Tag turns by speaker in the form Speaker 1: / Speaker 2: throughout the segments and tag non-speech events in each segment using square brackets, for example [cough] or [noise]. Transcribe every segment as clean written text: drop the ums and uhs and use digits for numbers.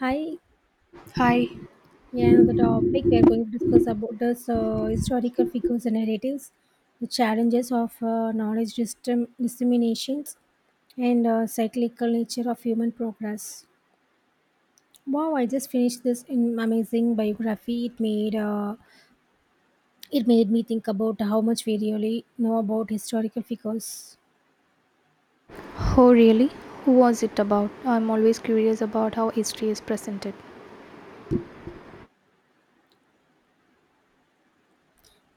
Speaker 1: Hi,
Speaker 2: Hi.
Speaker 1: yeah, the topic we are going to discuss about is historical figures and narratives, the challenges of knowledge disseminations, and cyclical nature of human progress. Wow, I just finished this in amazing biography. It made me think about how much we really know about historical figures.
Speaker 2: Oh, really? Who was it about? I'm always curious about how history is presented.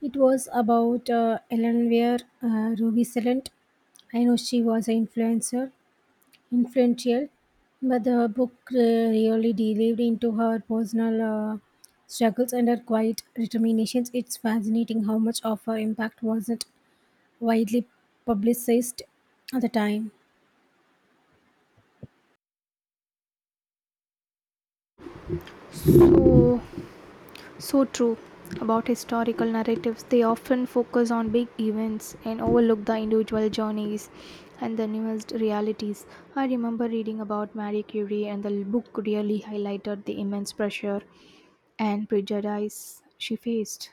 Speaker 1: It was about Ellen Weir Ruby Silent. I know she was an influencer influential, but the book really delved into her personal uh, struggles and her quiet determinations. It's fascinating how much of her impact wasn't widely publicized at the time.
Speaker 2: So, so true. About historical narratives, they often focus on big events and overlook the individual journeys and the nuanced realities. I remember reading about Marie Curie, and the book really highlighted the immense pressure and prejudice she faced.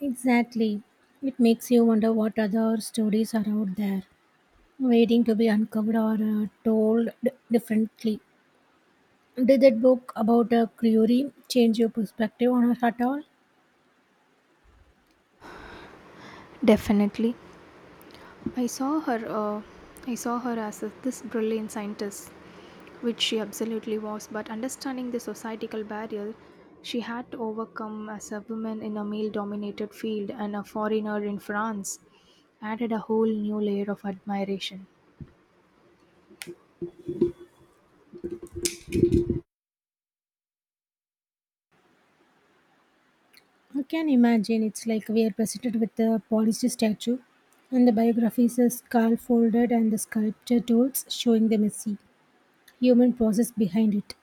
Speaker 1: Exactly. It makes you wonder what other stories are out there waiting to be uncovered or told differently. Did that book about Creory change your perspective on her at all?
Speaker 2: Definitely, I saw her. I saw her as a, this brilliant scientist which she absolutely was, but understanding the societal barrier she had to overcome as a woman in a male dominated field and a foreigner in France added a whole new layer of admiration.
Speaker 1: I can imagine it's like we are presented with the polished statue, and the biography is a skull folded and the sculpture tools showing the messy human process behind it.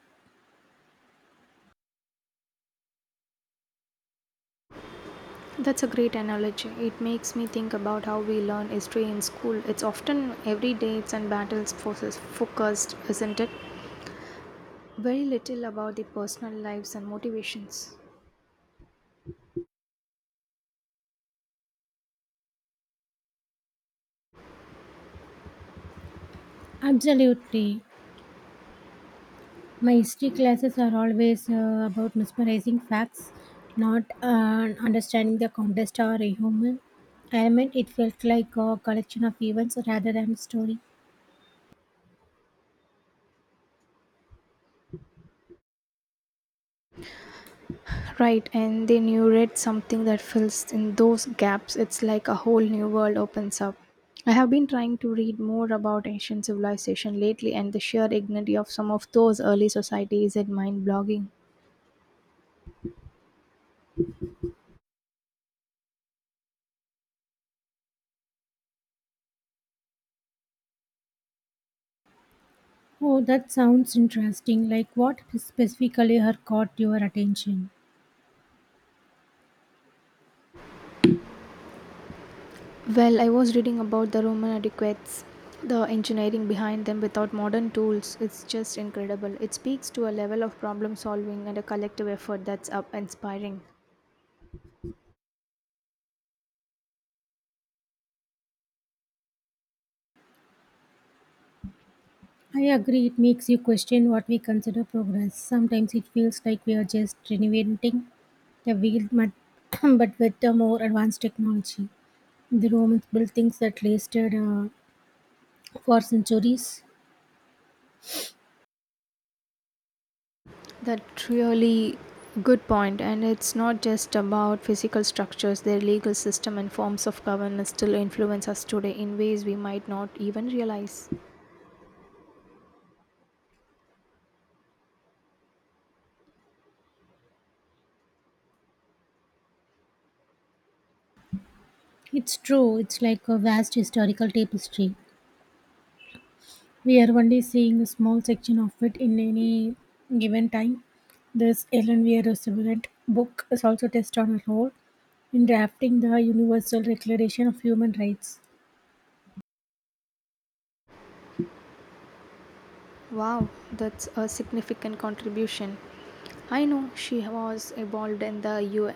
Speaker 2: That's a great analogy. It makes me think about how we learn history in school. It's often every dates and battles forces focused, isn't it? Very little about the personal lives and motivations.
Speaker 1: Absolutely. My history classes are always about mesmerizing facts, not understanding the context or a human element. It felt like a collection of events rather than a story.
Speaker 2: Right, and then you read something that fills in those gaps. It's like a whole new world opens up. I have been trying to read more about ancient civilization lately, and the sheer dignity of some of those early societies is mind blogging.
Speaker 1: Oh, that sounds interesting. Like what specifically her caught your attention?
Speaker 2: Well, I was reading about the Roman adequates, the engineering behind them without modern tools. It's just incredible. It speaks to a level of problem solving and a collective effort that's up inspiring.
Speaker 1: I agree, it makes you question what we consider progress. Sometimes it feels like we are just renovating the wheel, but, [clears throat] but with a more advanced technology. The Romans built things that lasted for centuries.
Speaker 2: That's really good point, and it's not just about physical structures. Their legal system and forms of governance still influence us today in ways we might not even realize.
Speaker 1: It's true, it's like a vast historical tapestry. We are only seeing a small section of it in any given time. This Ellen Weir Roosevelt book is also test on a role in drafting the Universal Declaration of Human Rights.
Speaker 2: Wow, that's a significant contribution. I know she was involved in the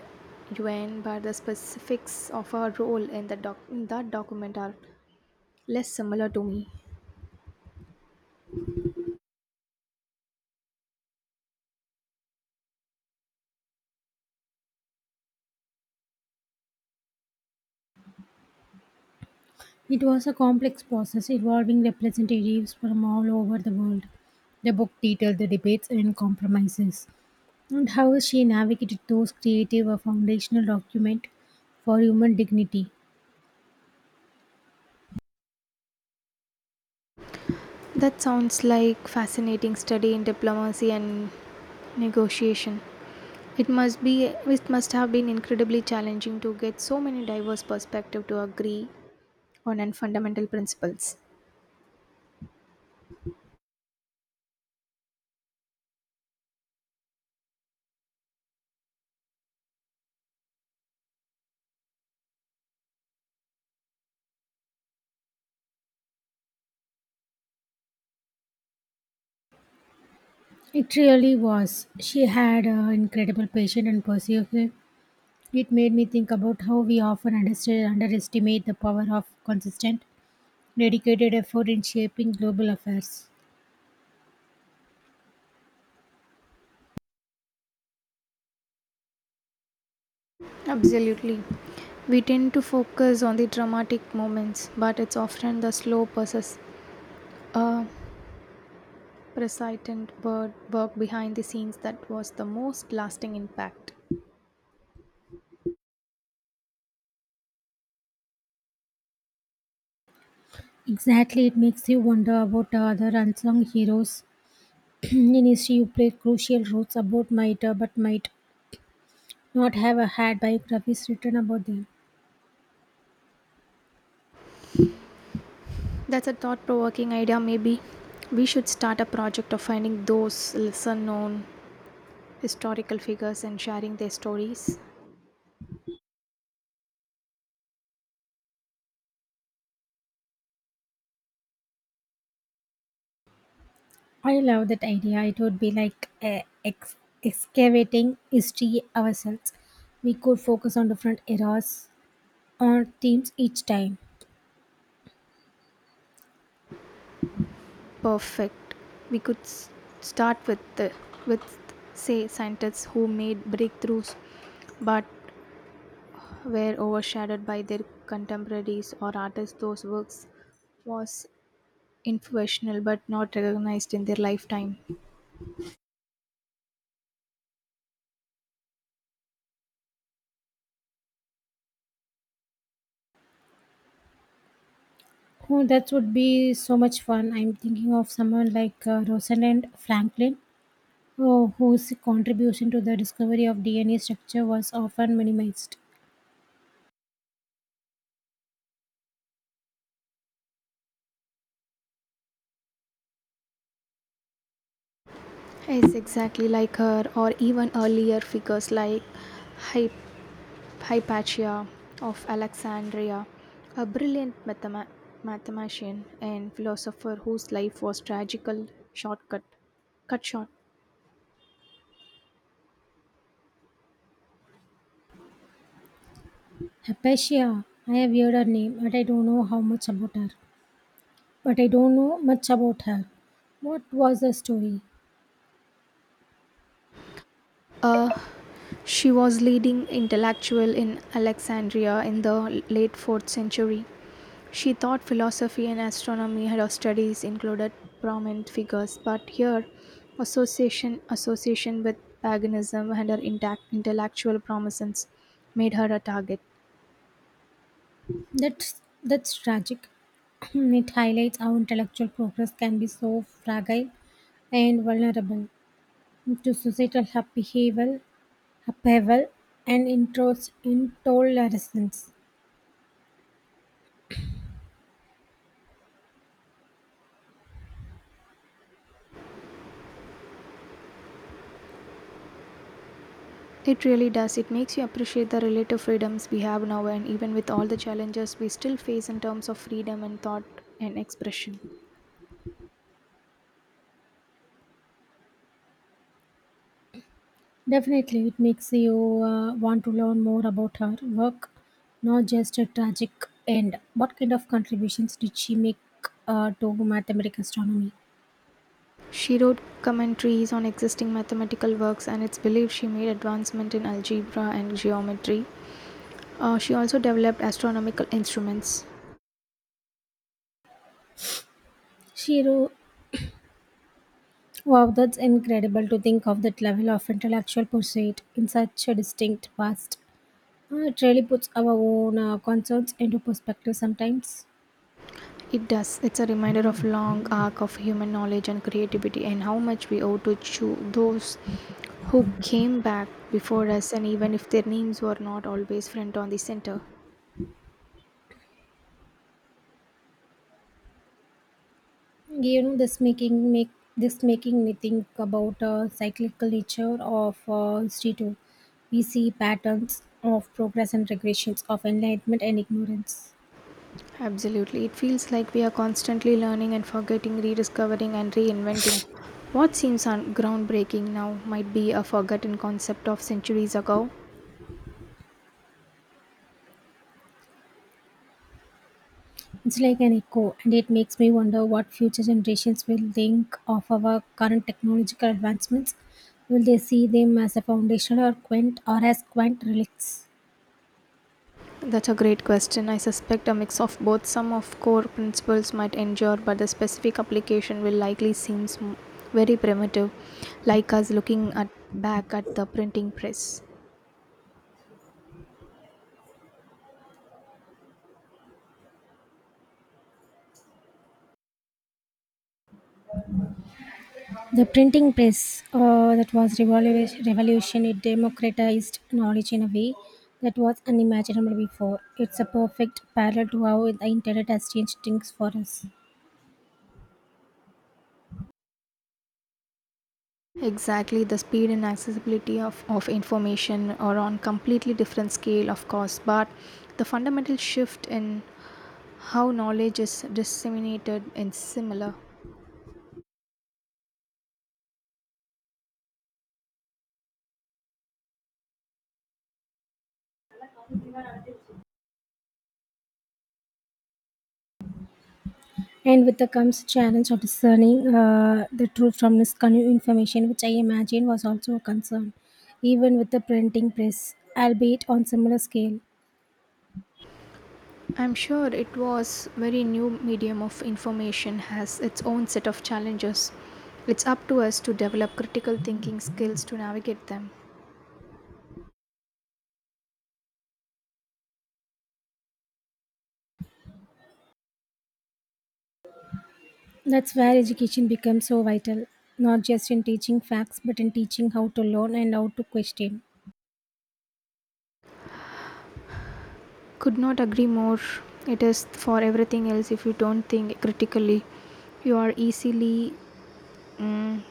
Speaker 2: UN, but the specifics of her role in the in that document are less similar to me.
Speaker 1: It was a complex process involving representatives from all over the world. The book detailed the debates and compromises, and how she navigated those creative a foundational document for human dignity.
Speaker 2: That sounds like fascinating study in diplomacy and negotiation. It must have been incredibly challenging to get so many diverse perspectives to agree on and fundamental principles.
Speaker 1: It really was. She had an incredible patience and perseverance. It made me think about how we often underestimate the power of consistent, dedicated effort in shaping global affairs.
Speaker 2: Absolutely. We tend to focus on the dramatic moments, but it's often the slow process uh, persistent word work behind the scenes that was the most lasting impact.
Speaker 1: Exactly, it makes you wonder about the other unsung heroes in history, you played crucial roles about might not have had biographies written about them.
Speaker 2: That's a thought provoking idea, maybe. We should start a project of finding those lesser known historical figures and sharing their stories.
Speaker 1: I love that idea. It would be like ex- excavating history ourselves. We could focus on different eras or themes each time.
Speaker 2: Perfect. We could s- start with, with say, scientists who made breakthroughs but were overshadowed by their contemporaries or artists Those works was influential but not recognized in their lifetime.
Speaker 1: Oh, that would be so much fun. I'm thinking of someone like Rosalind Franklin, whose contribution to the discovery of DNA structure was often minimized.
Speaker 2: Yes, exactly like her, or even earlier figures like Hy- Hypatia of Alexandria, a brilliant mathematician and philosopher whose life was tragical shortcut cut short.
Speaker 1: Hypatia, I have heard her name, but I don't know how much about her. But I don't know much about her. What was the story?
Speaker 2: Uh, she was leading intellectual in Alexandria in the late 4th century. She thought philosophy and astronomy had her studies included prominent figures, but her association with paganism and her intact intellectual promises made her a target.
Speaker 1: That's tragic. [clears throat] It highlights how intellectual progress can be so fragile and vulnerable to societal upheaval and intolerance.
Speaker 2: It really does. It makes you appreciate the relative freedoms we have now, and even with all the challenges we still face in terms of freedom and thought and expression.
Speaker 1: Definitely, it makes you want to learn more about her work, not just a tragic end. What kind of contributions did she make to mathematical astronomy?
Speaker 2: She wrote commentaries on existing mathematical works, and it's believed she made advancement in algebra and geometry. She also developed astronomical instruments.
Speaker 1: She wrote, Wow, that's incredible to think of that level of intellectual pursuit in such a distinct past. It really puts our own concerns into perspective sometimes.
Speaker 2: It does. It's a reminder of long arc of human knowledge and creativity, and how much we owe to those who came back before us, and even if their names were not always front on the center.
Speaker 1: You know, this making make this making me think about cyclical nature of history too. We see patterns of progress and regressions of enlightenment and ignorance.
Speaker 2: Absolutely. It feels like we are constantly learning and forgetting, rediscovering and reinventing. What seems groundbreaking now might be a forgotten concept of centuries ago.
Speaker 1: It's like an echo, and it makes me wonder what future generations will think of our current technological advancements. Will they see them as a foundational or quaint or as quaint relics?
Speaker 2: That's a great question. I suspect a mix of both. Some of core principles might endure, but the specific application will likely seem very primitive, like us looking at back at the printing press.
Speaker 1: The printing press, that was revolution, it democratized knowledge in a way that was unimaginable before. It's a perfect parallel to how the internet has changed things for us.
Speaker 2: Exactly, the speed and accessibility of information are on completely different scale, of course, but the fundamental shift in how knowledge is disseminated is similar.
Speaker 1: And with the comes challenge of discerning the truth from misconstrued information, which I imagine was also a concern, even with the printing press, albeit on similar scale.
Speaker 2: I'm sure it was very new medium of information has its own set of challenges. It's up to us to develop critical thinking skills to navigate them.
Speaker 1: That's where education becomes so vital, not just in teaching facts, but in teaching how to learn and how to question.
Speaker 2: Could not agree more. It is for everything else if you don't think critically, you are easily mm,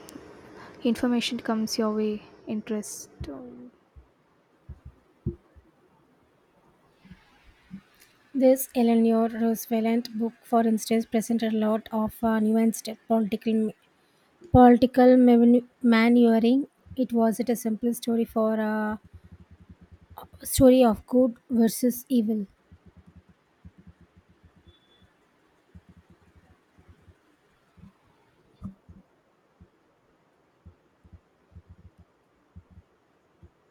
Speaker 2: information comes your way interest um,
Speaker 1: This Eleanor Roosevelt book, for instance, presented a lot of nuanced political maneuvering. It wasn't a simple story for a story of good versus evil.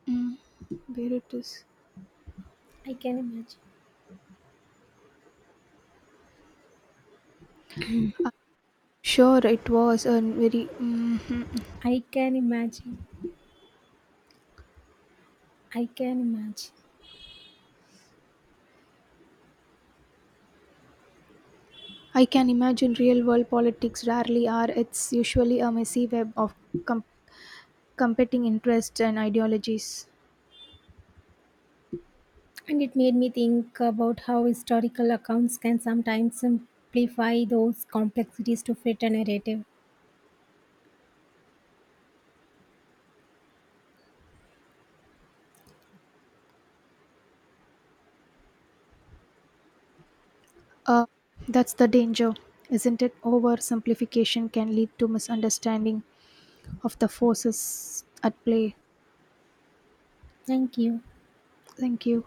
Speaker 2: Mm. Where it is.
Speaker 1: I can imagine.
Speaker 2: I'm sure it was a very. Mhm.
Speaker 1: I can imagine. I can imagine.
Speaker 2: I can imagine real world politics rarely are. It's usually a messy web of com- competing interests and ideologies.
Speaker 1: And it made me think about how historical accounts can sometimes simplify those complexities to fit a narrative.
Speaker 2: Uh, that's the danger, isn't it? Oversimplification can lead to misunderstanding of the forces at play.
Speaker 1: Thank you.
Speaker 2: Thank you.